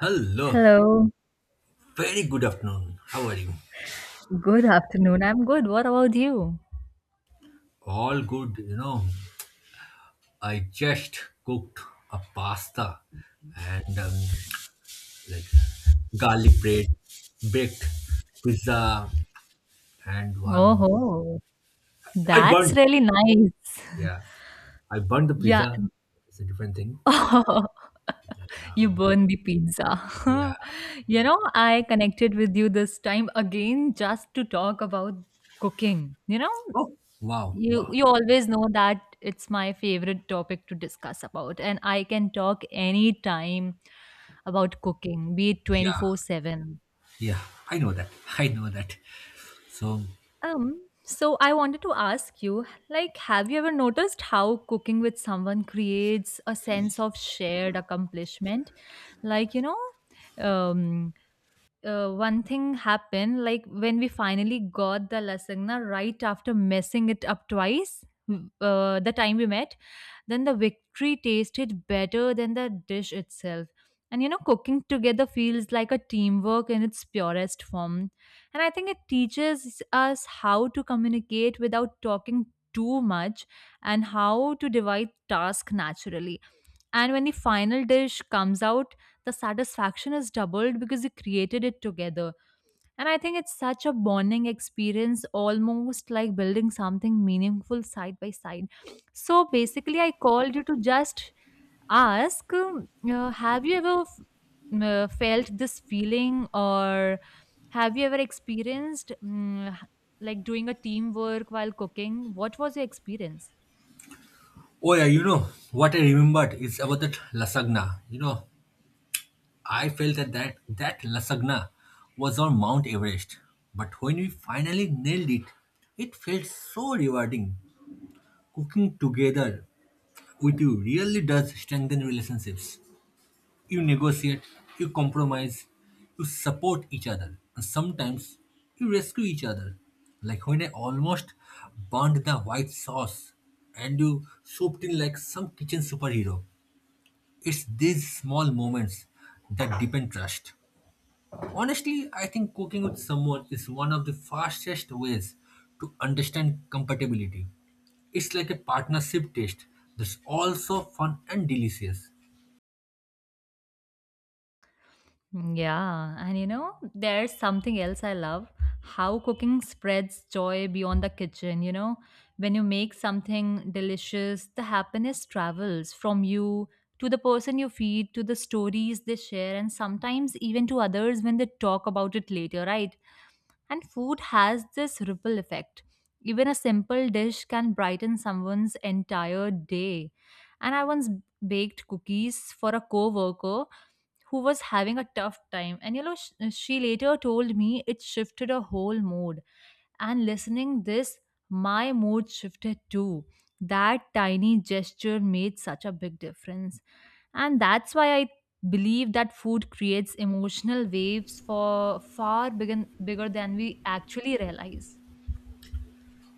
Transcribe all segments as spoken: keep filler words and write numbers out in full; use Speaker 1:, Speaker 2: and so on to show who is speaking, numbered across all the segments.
Speaker 1: Hello,
Speaker 2: Hello,
Speaker 1: very good afternoon. How are you?
Speaker 2: good afternoon. I'm good. What about you?
Speaker 1: All good, you know. I just cooked a pasta and um, like garlic bread, baked pizza, and one.
Speaker 2: Oh,
Speaker 1: I
Speaker 2: that's
Speaker 1: burned,
Speaker 2: really nice.
Speaker 1: yeah. I burned the
Speaker 2: Yeah.
Speaker 1: pizza. It's a different thing. Yeah,
Speaker 2: you
Speaker 1: but-
Speaker 2: burn the
Speaker 1: yeah.
Speaker 2: pizza. You know, I connected with you this time again just to talk about cooking. You know,
Speaker 1: Oh, wow,
Speaker 2: you
Speaker 1: wow.
Speaker 2: you always know that it's my favorite topic to discuss about and I can talk anytime about cooking, be it
Speaker 1: Yeah,
Speaker 2: twenty four seven.
Speaker 1: yeah. I know that. I know that. So,
Speaker 2: Um, so I wanted to ask you, like, have you ever noticed how cooking with someone creates a sense of shared accomplishment? Like, you know, um, uh, one thing happened, like when we finally got the lasagna right after messing it up twice, w- uh, the time we met, then the victory tasted better than the dish itself. And you know, cooking together feels like a teamwork in its purest form. And I think it teaches us how to communicate without talking too much and how to divide tasks naturally. And when the final dish comes out, the satisfaction is doubled because you created it together and I think it's such a bonding experience, almost like building something meaningful side by side. So basically, I called you to just ask um, uh, have you ever f- m- uh, felt this feeling, or have you ever experienced mm, h- like doing a teamwork while cooking? What was your experience?
Speaker 1: oh yeah, you know what I remembered is about that lasagna. You know, I felt that that, that lasagna was on Mount Everest. But when we finally nailed it, it felt so rewarding. Cooking together with you really does strengthen relationships. You negotiate, you compromise, you support each other, and sometimes you rescue each other. Like when I almost burned the white sauce and you swooped in like some kitchen superhero. It's these small moments that deepen trust. Honestly, I think cooking with someone is one of the fastest ways to understand compatibility. It's like a partnership test that's also fun and delicious.
Speaker 2: Mm. Yeah, and you know, there's something else I love how cooking spreads joy beyond the kitchen. You know, when you make something delicious, the happiness travels from you to the person you feed, to the stories they share, and sometimes even to others when they talk about it later, right? And food has this ripple effect. Even a simple dish can brighten someone's entire day. And I once baked cookies for a coworker who was having a tough time, and you know, sh- uh, she later told me it shifted her whole mood, and listening this, my mood shifted too. That tiny gesture made such a big difference, and that's why I believe that food creates emotional waves for far bigger, bigger than we actually realize.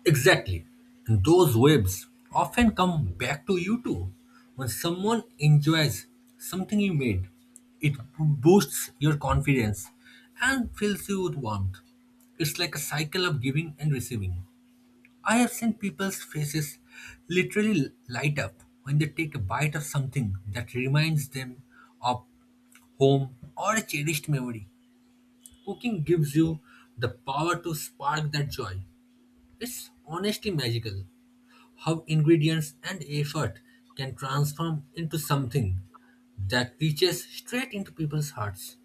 Speaker 1: Exactly. And those waves often come back to you too. When someone enjoys something you made, it boosts your confidence and fills you with warmth. It's like a cycle of giving and receiving. I have seen people's faces literally light up when they take a bite of something that reminds them of home or a cherished memory. Cooking gives you the power to spark that joy. It's honestly magical how ingredients and effort can transform into something that reaches straight into people's hearts.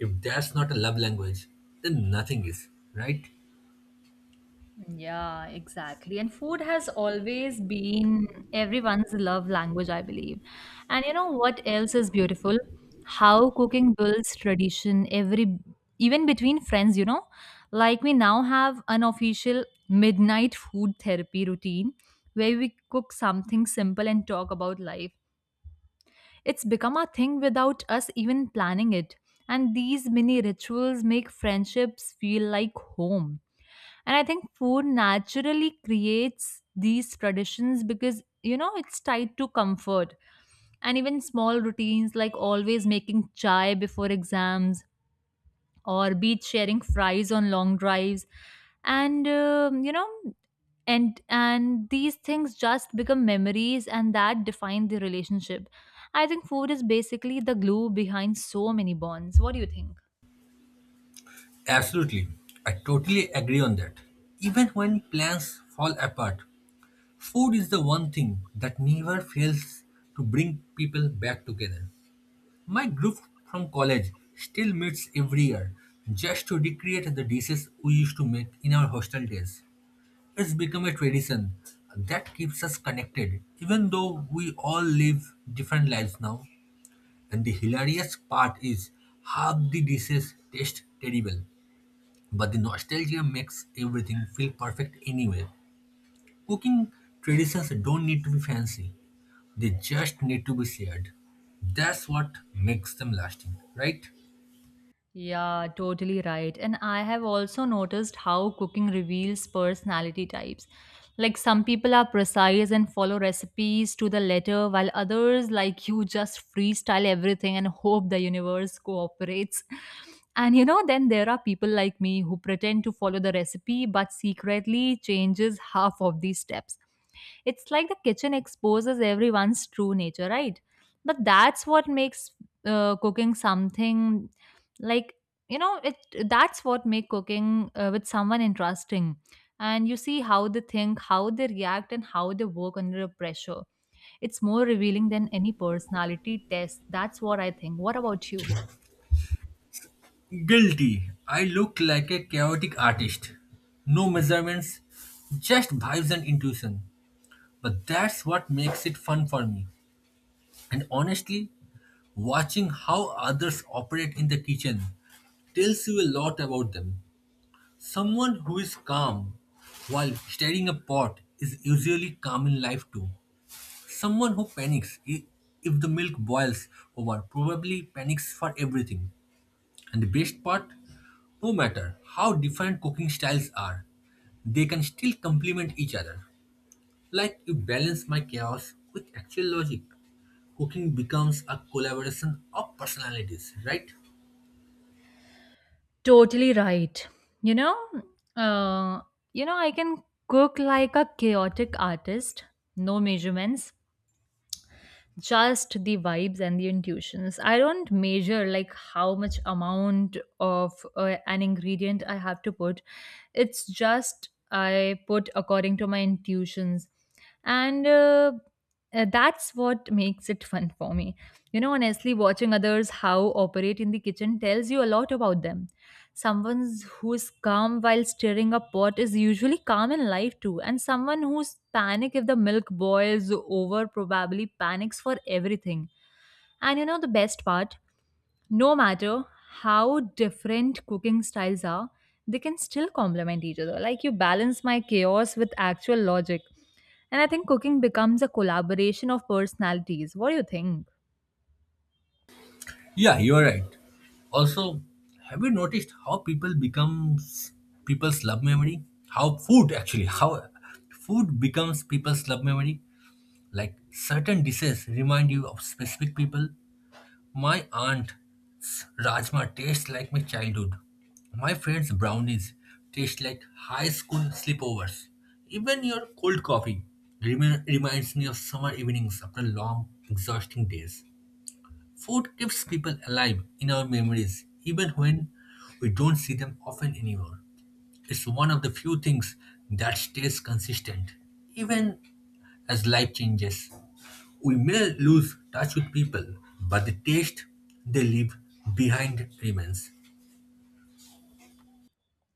Speaker 1: If that's not a love language, then nothing is, right?
Speaker 2: Yeah, exactly. And food has always been everyone's love language, I believe. And you know what else is beautiful? How cooking builds tradition every even between friends, you know? Like we now have an official midnight food therapy routine where we cook something simple and talk about life. It's become a thing without us even planning it. And these mini rituals make friendships feel like home. And I think food naturally creates these traditions because, you know, it's tied to comfort. And even small routines like always making chai before exams or beach sharing fries on long drives. And, um, you know, and and these things just become memories and that define the relationship. I think food is basically the glue behind so many bonds. What do you think?
Speaker 1: Absolutely. I totally agree on that. Even when plans fall apart, food is the one thing that never fails to bring people back together. My group from college still meets every year just to recreate the dishes we used to make in our hostel days. It's become a tradition that keeps us connected, even though we all live different lives now. And the hilarious part is half the dishes taste terrible but the nostalgia makes everything feel perfect anyway. Cooking traditions don't need to be fancy, they just need to be shared. That's what makes them lasting, right?
Speaker 2: Yeah, totally right. And I have also noticed how cooking reveals personality types. Like some people are precise and follow recipes to the letter, while others, like you, just freestyle everything and hope the universe cooperates. And you know, then there are people like me who pretend to follow the recipe but secretly changes half of these steps. It's like the kitchen exposes everyone's true nature, right? But that's what makes uh, cooking something like you know it, that's what make cooking uh, with someone interesting, and you see how they think, how they react, and how they work under pressure. It's more revealing than any personality test. That's what I think. What about you?
Speaker 1: Guilty. I look like a chaotic artist. No measurements, just vibes and intuition. But that's what makes it fun for me. And honestly, watching how others operate in the kitchen tells you a lot about them. Someone who is calm while stirring a pot is usually calm in life too. Someone who panics i- if the milk boils over probably panics for everything. And the best part, no matter how different cooking styles are, they can still complement each other. Like you balance my chaos with actual logic. Cooking becomes a collaboration of personalities, right?
Speaker 2: Totally right. You know, uh you know, I can cook like a chaotic artist, no measurements, just the vibes and the intuitions. I don't measure like how much amount of uh, an ingredient I have to put. It's just I put according to my intuitions. And uh, uh, that's what makes it fun for me. You know, honestly, watching others how operate in the kitchen tells you a lot about them. Someone who's calm while stirring a pot is usually calm in life too, and someone who's panic if the milk boils over probably panics for everything. And you know the best part, no matter how different cooking styles are, they can still complement each other. Like you balance my chaos with actual logic. And I think cooking becomes a collaboration of personalities. What do you think?
Speaker 1: Yeah, you're right. Also, have you noticed how people becomes people's love memory? How food actually, how food becomes people's love memory? Like certain dishes remind you of specific people. My aunt's rajma tastes like my childhood. My friend's brownies taste like high school sleepovers. Even your cold coffee remi- reminds me of summer evenings after long, exhausting days. Food keeps people alive in our memories, even when we don't see them often anymore. It's one of the few things that stays consistent, even as life changes. We may lose touch with people, but the taste they leave behind remains.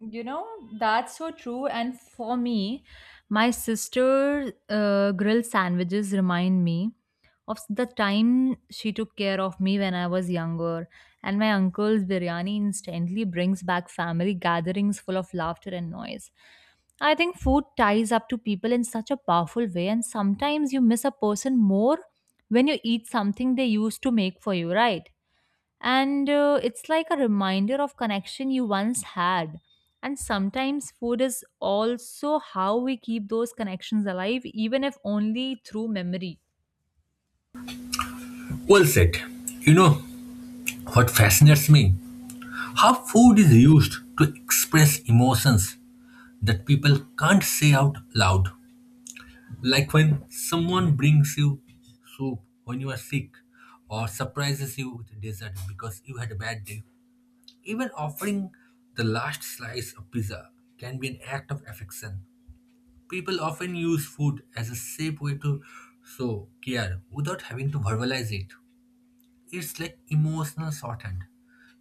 Speaker 2: You know, that's so true. And for me, my sister uh, grilled sandwiches remind me of the time she took care of me when I was younger. And my uncle's biryani instantly brings back family gatherings full of laughter and noise. I think food ties up to people in such a powerful way, and sometimes you miss a person more when you eat something they used to make for you, right? And uh, it's like a reminder of connection you once had, and sometimes food is also how we keep those connections alive, even if only through memory.
Speaker 1: Well said. You know what fascinates me? How food is used to express emotions that people can't say out loud. Like when someone brings you soup when you are sick or surprises you with dessert because you had a bad day. Even offering the last slice of pizza can be an act of affection. People often use food as a safe way to show care without having to verbalize it. It's like emotional shorthand.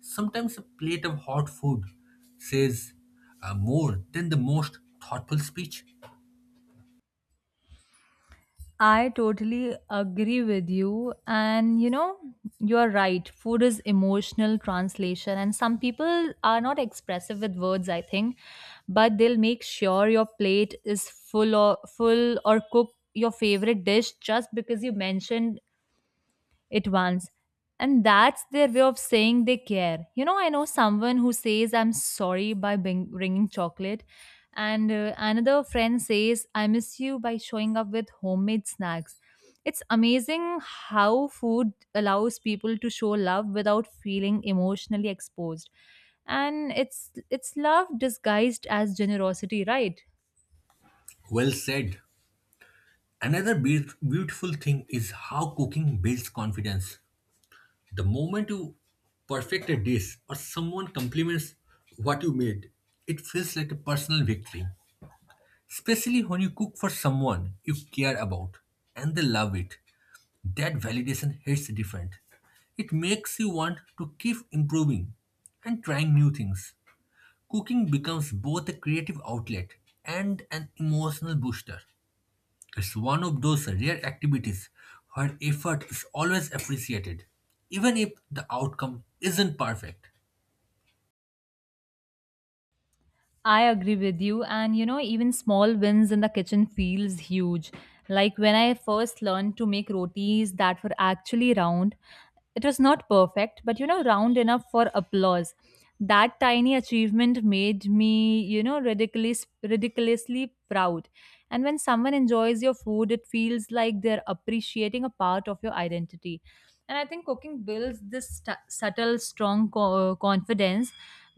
Speaker 1: Sometimes a plate of hot food says uh, more than the most thoughtful speech.
Speaker 2: I totally agree with you. And you know, you're right, food is emotional translation, and some people are not expressive with words, I think, but they'll make sure your plate is full or full or cook your favorite dish just because you mentioned it once. And that's their way of saying they care. You know, I know someone who says, I'm sorry by bring- bringing chocolate. And uh, another friend says, I miss you by showing up with homemade snacks. It's amazing how food allows people to show love without feeling emotionally exposed. And it's it's love disguised as generosity, right?
Speaker 1: Well said. Another beau- beautiful thing is how cooking builds confidence. The moment you perfect a dish or someone compliments what you made, it feels like a personal victory. Especially when you cook for someone you care about and they love it. That validation hits different. It makes you want to keep improving and trying new things. Cooking becomes both a creative outlet and an emotional booster. It's one of those rare activities where effort is always appreciated, even if the outcome isn't perfect.
Speaker 2: I agree with you. And you know, even small wins in the kitchen feels huge. Like when I first learned to make rotis that were actually round, it was not perfect, but you know, round enough for applause. That tiny achievement made me, you know, ridiculous, ridiculously proud. And when someone enjoys your food, it feels like they're appreciating a part of your identity. And I think cooking builds this stu- subtle, strong co- confidence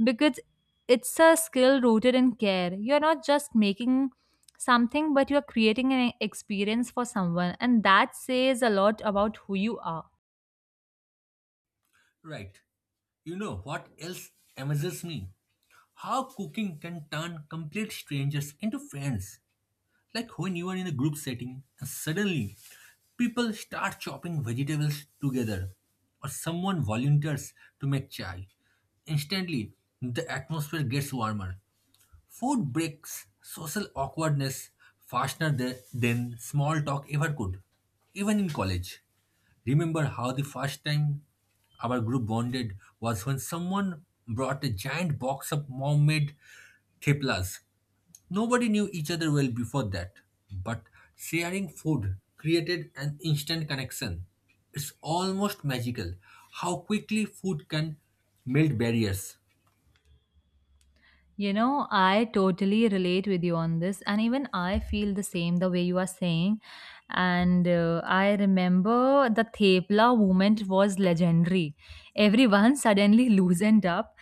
Speaker 2: because it's a skill rooted in care. You're not just making something, but you're creating an experience for someone, and that says a lot about who you are.
Speaker 1: Right. You know what else amazes me? How cooking can turn complete strangers into friends. Like when you are in a group setting and suddenly people start chopping vegetables together or someone volunteers to make chai. Instantly, the atmosphere gets warmer. Food breaks social awkwardness faster th- than small talk ever could, even in college. Remember how the first time our group bonded was when someone brought a giant box of mom made theplas. Nobody knew each other well before that, but sharing food created an instant connection. It's almost magical how quickly food can melt barriers.
Speaker 2: You know, I totally relate with you on this, and even I feel the same the way you are saying. And uh, I remember the Thepla movement was legendary. Everyone suddenly loosened up,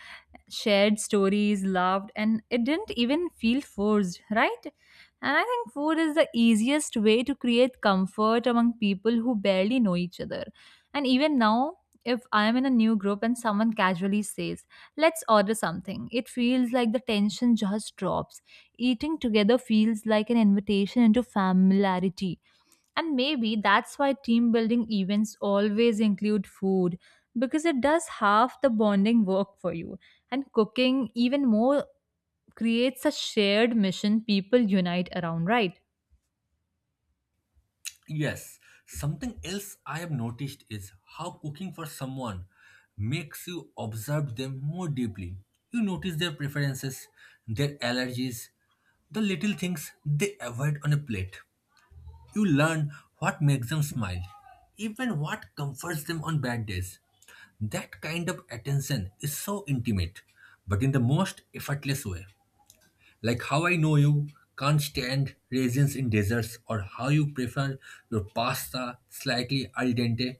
Speaker 2: shared stories, laughed, and it didn't even feel forced, right? And I think food is the easiest way to create comfort among people who barely know each other. And even now, if I am in a new group and someone casually says, Let's order something. It feels like the tension just drops. Eating together feels like an invitation into familiarity. And maybe that's why team building events always include food, because it does half the bonding work for you. And cooking, even more, creates a shared mission people unite around, right?
Speaker 1: Yes, something else I have noticed is how cooking for someone makes you observe them more deeply. You notice their preferences, their allergies, the little things they avoid on a plate. You learn what makes them smile, even what comforts them on bad days. That kind of attention is so intimate, but in the most effortless way. Like how I know you can't stand raisins in desserts or how you prefer your pasta slightly al dente.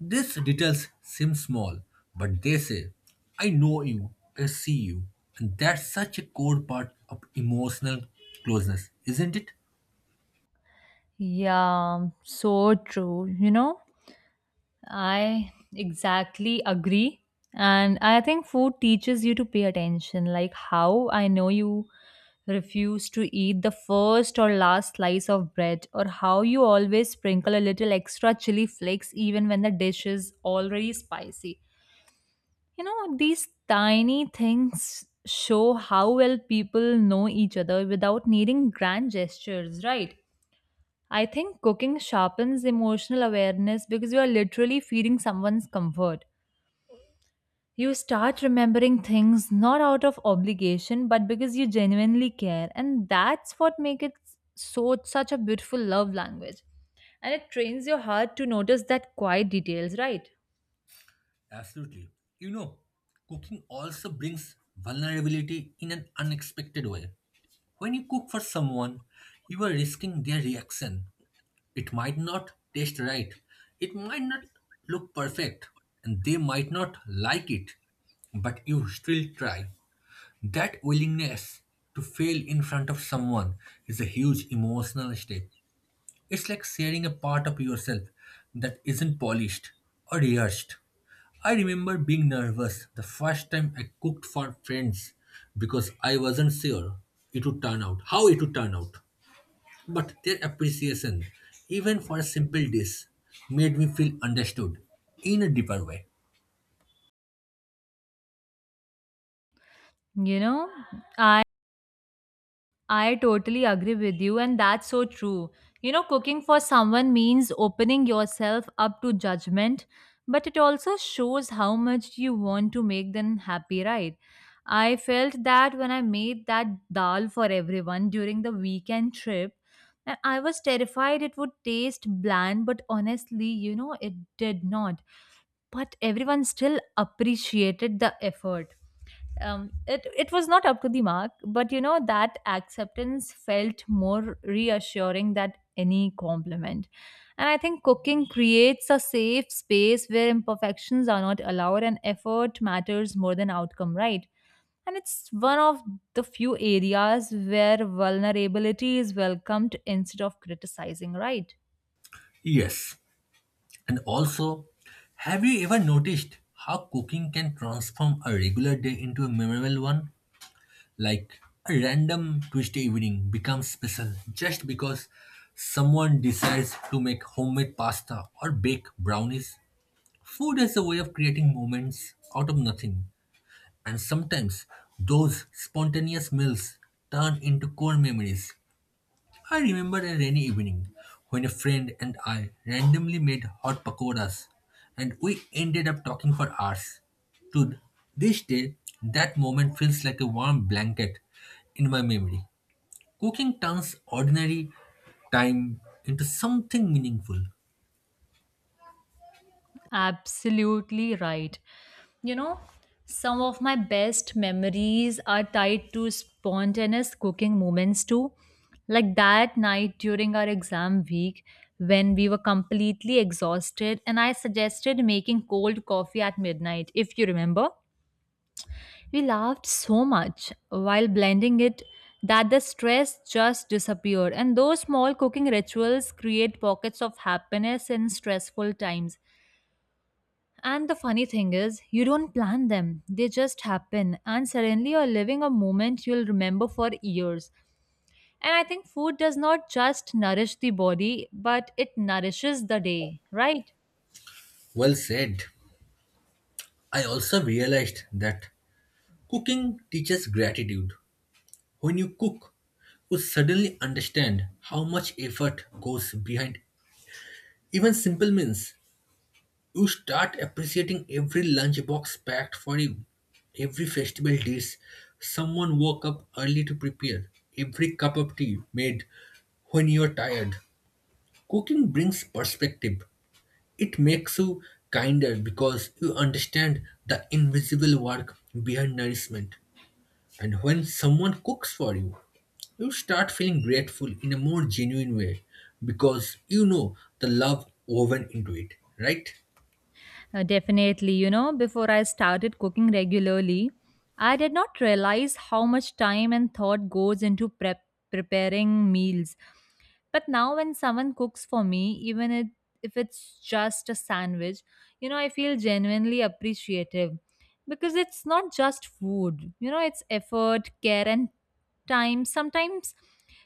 Speaker 1: These details seem small, but they say, I know you, I see you. And that's such a core part of emotional closeness, isn't it?
Speaker 2: Yeah, so true. You know, I exactly agree. And I think food teaches you to pay attention, like how I know you refuse to eat the first or last slice of bread, or how you always sprinkle a little extra chili flakes even when the dish is already spicy. You know, these tiny things show how well people know each other without needing grand gestures, right? I think cooking sharpens emotional awareness because you are literally feeding someone's comfort. You start remembering things not out of obligation but because you genuinely care, and that's what makes it so such a beautiful love language, and it trains your heart to notice that quiet details, right?
Speaker 1: Absolutely. You know, cooking also brings vulnerability in an unexpected way. When you cook for someone, you are risking their reaction. It might not taste right. It might not look perfect. And they might not like it. But you still try. That willingness to fail in front of someone is a huge emotional step. It's like sharing a part of yourself that isn't polished or rehearsed. I remember being nervous the first time I cooked for friends because I wasn't sure it would turn out, how it would turn out. But their appreciation, even for a simple dish, made me feel understood in a deeper way.
Speaker 2: You know, I totally agree with you, and that's so true. You know, cooking for someone means opening yourself up to judgment, but it also shows how much you want to make them happy, right? I felt that when I made that dal for everyone during the weekend trip, and I was terrified it would taste bland, but honestly, you know, it did not. But everyone still appreciated the effort. um, it it was not up to the mark, but you know that acceptance felt more reassuring than any compliment. And I think cooking creates a safe space where imperfections are not allowed, and effort matters more than outcome, right? And it's one of the few areas where vulnerability is welcomed instead of criticizing, right?
Speaker 1: Yes. And also, have you ever noticed how cooking can transform a regular day into a memorable one? Like a random Tuesday evening becomes special just because someone decides to make homemade pasta or bake brownies. Food is a way of creating moments out of nothing. And sometimes those spontaneous meals turn into core memories. I remember a rainy evening when a friend and I randomly made hot pakoras and we ended up talking for hours. To this day, that moment feels like a warm blanket in my memory. Cooking turns ordinary time into something meaningful.
Speaker 2: Absolutely right. You know, some of my best memories are tied to spontaneous cooking moments too. Like that night during our exam week when we were completely exhausted and I suggested making cold coffee at midnight, if you remember. We laughed so much while blending it that the stress just disappeared. And those small cooking rituals create pockets of happiness in stressful times. And the funny thing is, you don't plan them, they just happen, and suddenly you're living a moment you'll remember for years. And I think food does not just nourish the body, but it nourishes the day, right?
Speaker 1: Well said. I also realized that cooking teaches gratitude. When you cook, you suddenly understand how much effort goes behind even simple meals. You start appreciating every lunchbox packed for you, every festival dish someone woke up early to prepare, every cup of tea made when you're tired. Cooking brings perspective. It makes you kinder because you understand the invisible work behind nourishment. And when someone cooks for you, you start feeling grateful in a more genuine way because you know the love woven into it, right?
Speaker 2: Uh, definitely, you know, before I started cooking regularly, I did not realize how much time and thought goes into prep preparing meals. But now when someone cooks for me, even it, if it's just a sandwich, you know, I feel genuinely appreciative because it's not just food, you know, it's effort, care, and time. Sometimes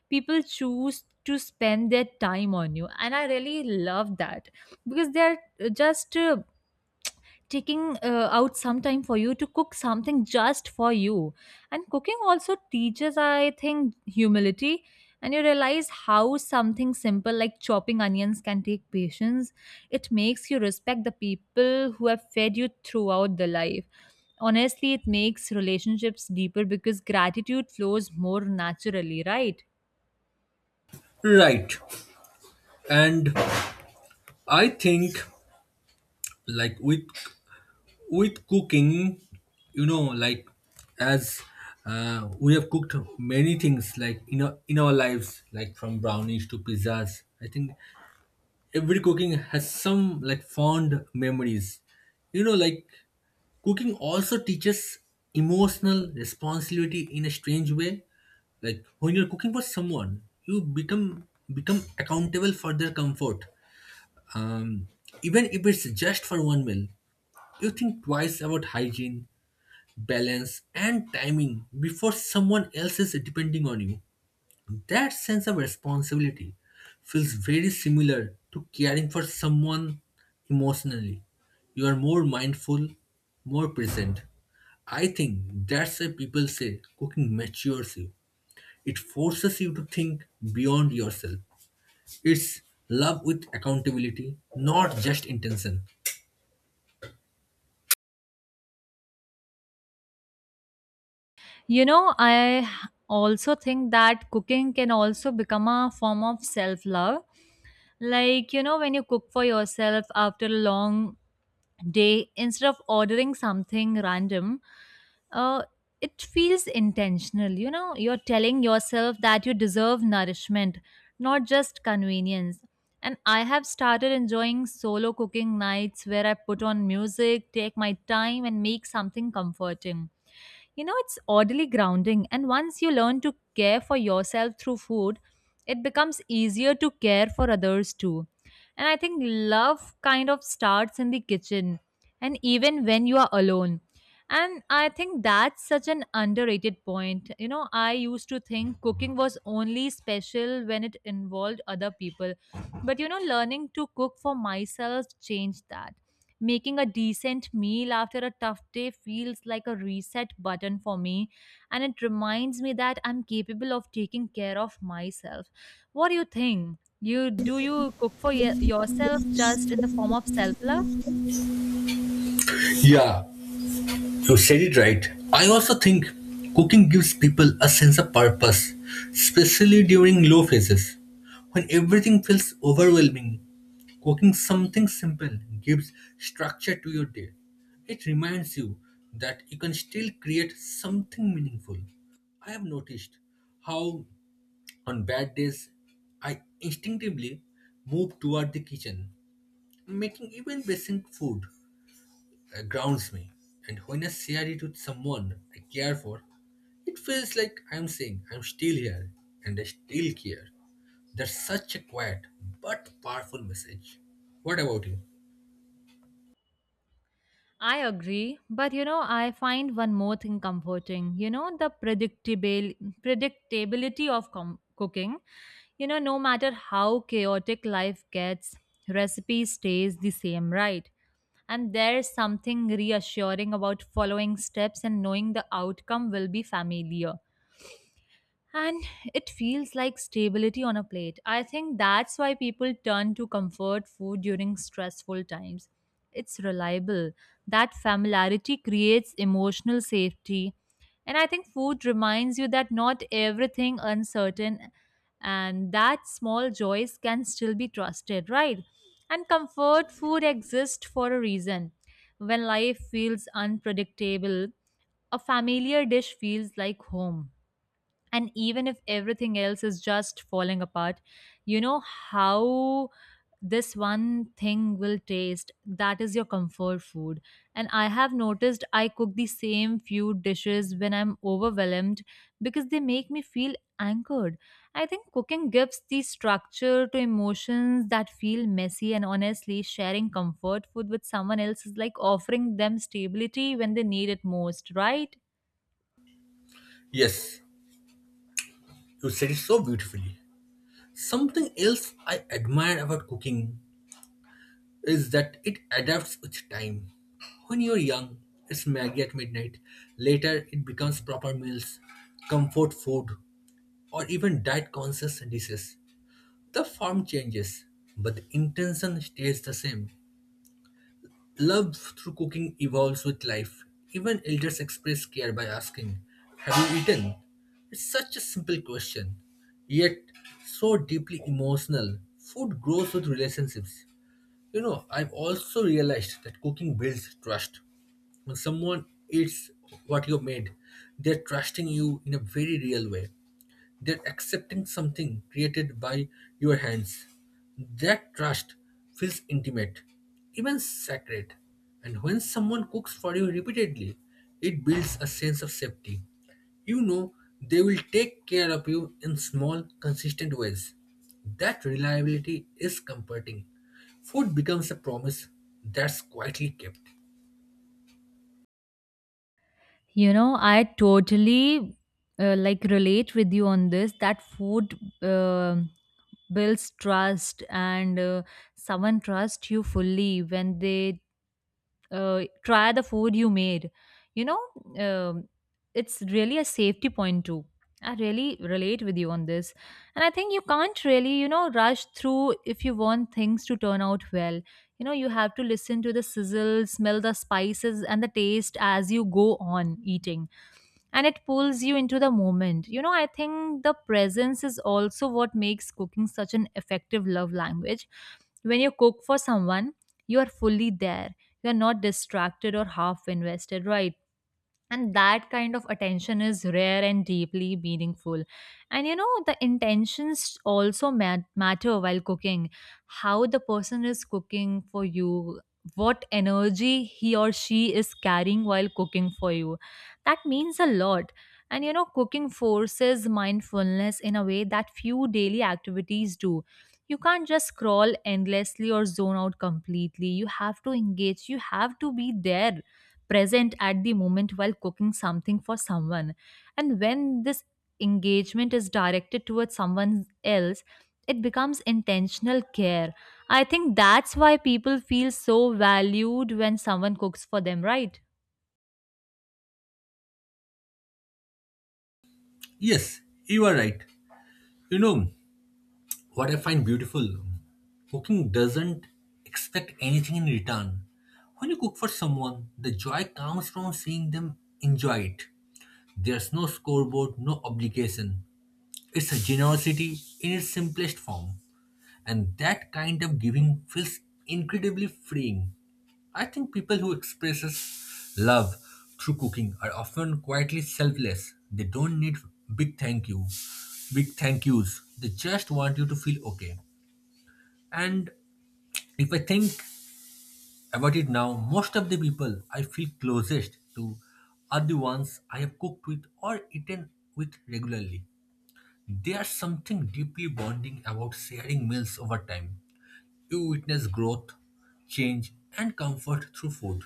Speaker 2: people choose to spend their time on you, and I really love that because they're just uh, taking uh, out some time for you to cook something just for you. And cooking also teaches, I think, humility, and you realize how something simple like chopping onions can take patience. It makes you respect the people who have fed you throughout the life. Honestly, it makes relationships deeper because gratitude flows more naturally, right?
Speaker 1: Right. And I think like with with cooking, you know, like as uh, we have cooked many things like in our, in our lives, like from brownies to pizzas. I think every cooking has some like fond memories. You know, like cooking also teaches emotional responsibility in a strange way. Like when you're cooking for someone, you become become accountable for their comfort. Um, Even if it's just for one meal, you think twice about hygiene, balance, and timing before someone else is depending on you. That sense of responsibility feels very similar to caring for someone emotionally. You are more mindful, more present. I think that's why people say cooking matures you. It forces you to think beyond yourself. It's love with accountability, not just intention.
Speaker 2: You know, I also think that cooking can also become a form of self love. Like, you know, when you cook for yourself after a long day, instead of ordering something random, uh, it feels intentional. You know, you're telling yourself that you deserve nourishment, not just convenience. And I have started enjoying solo cooking nights where I put on music, take my time, and make something comforting. You know, it's oddly grounding, and once you learn to care for yourself through food, it becomes easier to care for others too. And I think love kind of starts in the kitchen, and even when you are alone. And I think that's such an underrated point. You know, I used to think cooking was only special when it involved other people. But you know, learning to cook for myself changed that. Making a decent meal after a tough day feels like a reset button for me, and it reminds me that I'm capable of taking care of myself. What do you think? You do you cook for y- yourself just in the form of self-love?
Speaker 1: Yeah, you said it right. I also think cooking gives people a sense of purpose, especially during low phases. When everything feels overwhelming, cooking something simple gives structure to your day. It reminds you that you can still create something meaningful. I have noticed how on bad days I instinctively move toward the kitchen, making even basic food uh, grounds me. And when I share it with someone I care for, it feels like I'm saying I'm still here and I still care. That's such a quiet but powerful message. What about you?
Speaker 2: I agree, but you know, I find one more thing comforting. You know, the predictable predictability of com- cooking. You know, no matter how chaotic life gets, recipe stays the same, right? And there's something reassuring about following steps and knowing the outcome will be familiar. And it feels like stability on a plate. I think that's why people turn to comfort food during stressful times. It's reliable. That familiarity creates emotional safety. And I think food reminds you that not everything uncertain, and that small joys can still be trusted, right? And comfort food exists for a reason. When life feels unpredictable, a familiar dish feels like home, and even if everything else is just falling apart, you know how this one thing will taste, that is your comfort food. And I have noticed I cook the same few dishes when I'm overwhelmed because they make me feel anchored. I think cooking gives the structure to emotions that feel messy, and honestly sharing comfort food with someone else is like offering them stability when they need it most, right?
Speaker 1: Yes, you said it so beautifully. Something else I admire about cooking is that it adapts with time. When you're young, it's Maggie at midnight. Later, it becomes proper meals, comfort food, or even diet conscious dishes. The form changes, but the intention stays the same. Love through cooking evolves with life. Even elders express care by asking, Have you eaten? It's such a simple question, yet so deeply emotional. Food grows with relationships. You know, I've also realized that cooking builds trust. When someone eats what you made, they're trusting you in a very real way. They're accepting something created by your hands. That trust feels intimate, even sacred. And when someone cooks for you repeatedly, it builds a sense of safety. You know they will take care of you in small, consistent ways. That reliability is comforting. Food becomes a promise that's quietly kept.
Speaker 2: You know, I totally uh, like relate with you on this, that food uh, builds trust, and uh, someone trusts you fully when they uh, try the food you made. You know, um it's really a safety point too. I really relate with you on this. And I think you can't really, you know, rush through if you want things to turn out well. You know, you have to listen to the sizzle, smell the spices, and the taste as you go on eating, and it pulls you into the moment. You know, I think the presence is also what makes cooking such an effective love language. When you cook for someone, you are fully there. You are not distracted or half invested, right? And that kind of attention is rare and deeply meaningful. And you know, the intentions also mat- matter while cooking, how the person is cooking for you, what energy he or she is carrying while cooking for you, that means a lot. And you know, cooking forces mindfulness in a way that few daily activities do. You can't just scroll endlessly or zone out completely. You have to engage, you have to be there, present at the moment while cooking something for someone. And when this engagement is directed towards someone else, it becomes intentional care. I think that's why people feel so valued when someone cooks for them, right?
Speaker 1: Yes, you are right. You know what I find beautiful? Cooking doesn't expect anything in return. When you cook for someone, the joy comes from seeing them enjoy it. There's no scoreboard, no obligation. It's a generosity in its simplest form, and that kind of giving feels incredibly freeing. I think people who expresses love through cooking are often quietly selfless. They don't need big thank you, big thank yous. They just want you to feel okay. And if I think about it now, most of the people I feel closest to are the ones I have cooked with or eaten with regularly. There's something deeply bonding about sharing meals over time. You witness growth, change, and comfort through food.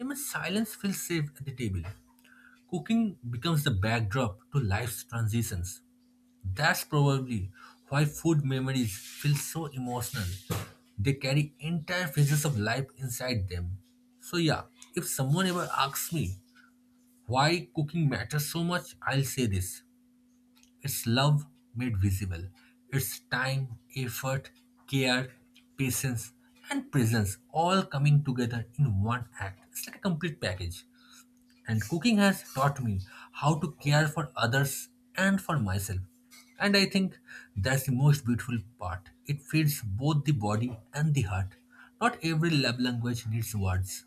Speaker 1: Even silence feels safe at the table. Cooking becomes the backdrop to life's transitions. That's probably why food memories feel so emotional. They carry entire phases of life inside them. So, yeah, if someone ever asks me why cooking matters so much, I'll say this: it's love made visible. It's time, effort, care, patience, and presence all coming together in one act. It's like a complete package. And cooking has taught me how to care for others and for myself. And I think that's the most beautiful part. It feeds both the body and the heart. Not every love language needs words.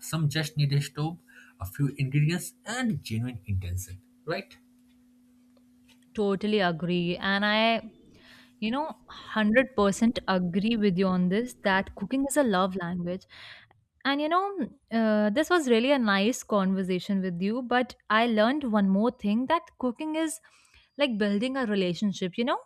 Speaker 1: Some just need a stove, a few ingredients, and genuine intention, right?
Speaker 2: Totally agree. And I, you know, one hundred percent agree with you on this that cooking is a love language. And you know, uh, this was really a nice conversation with you, but I learned one more thing, that cooking is like building a relationship, you know?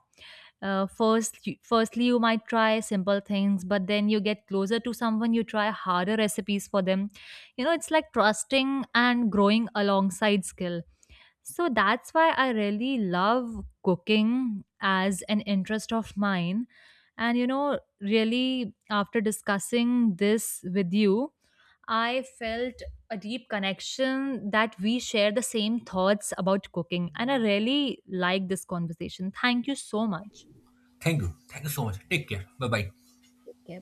Speaker 2: Uh, first, you- firstly, you might try simple things, but then you get closer to someone, you try harder recipes for them. You know, it's like trusting and growing alongside skill. So that's why I really love cooking as an interest of mine. And you know, really, after discussing this with you, I felt a deep connection that we share the same thoughts about cooking, and I really like this conversation. Thank you so much.
Speaker 1: Thank you. Thank you so much. Take care. Bye bye.
Speaker 2: Okay,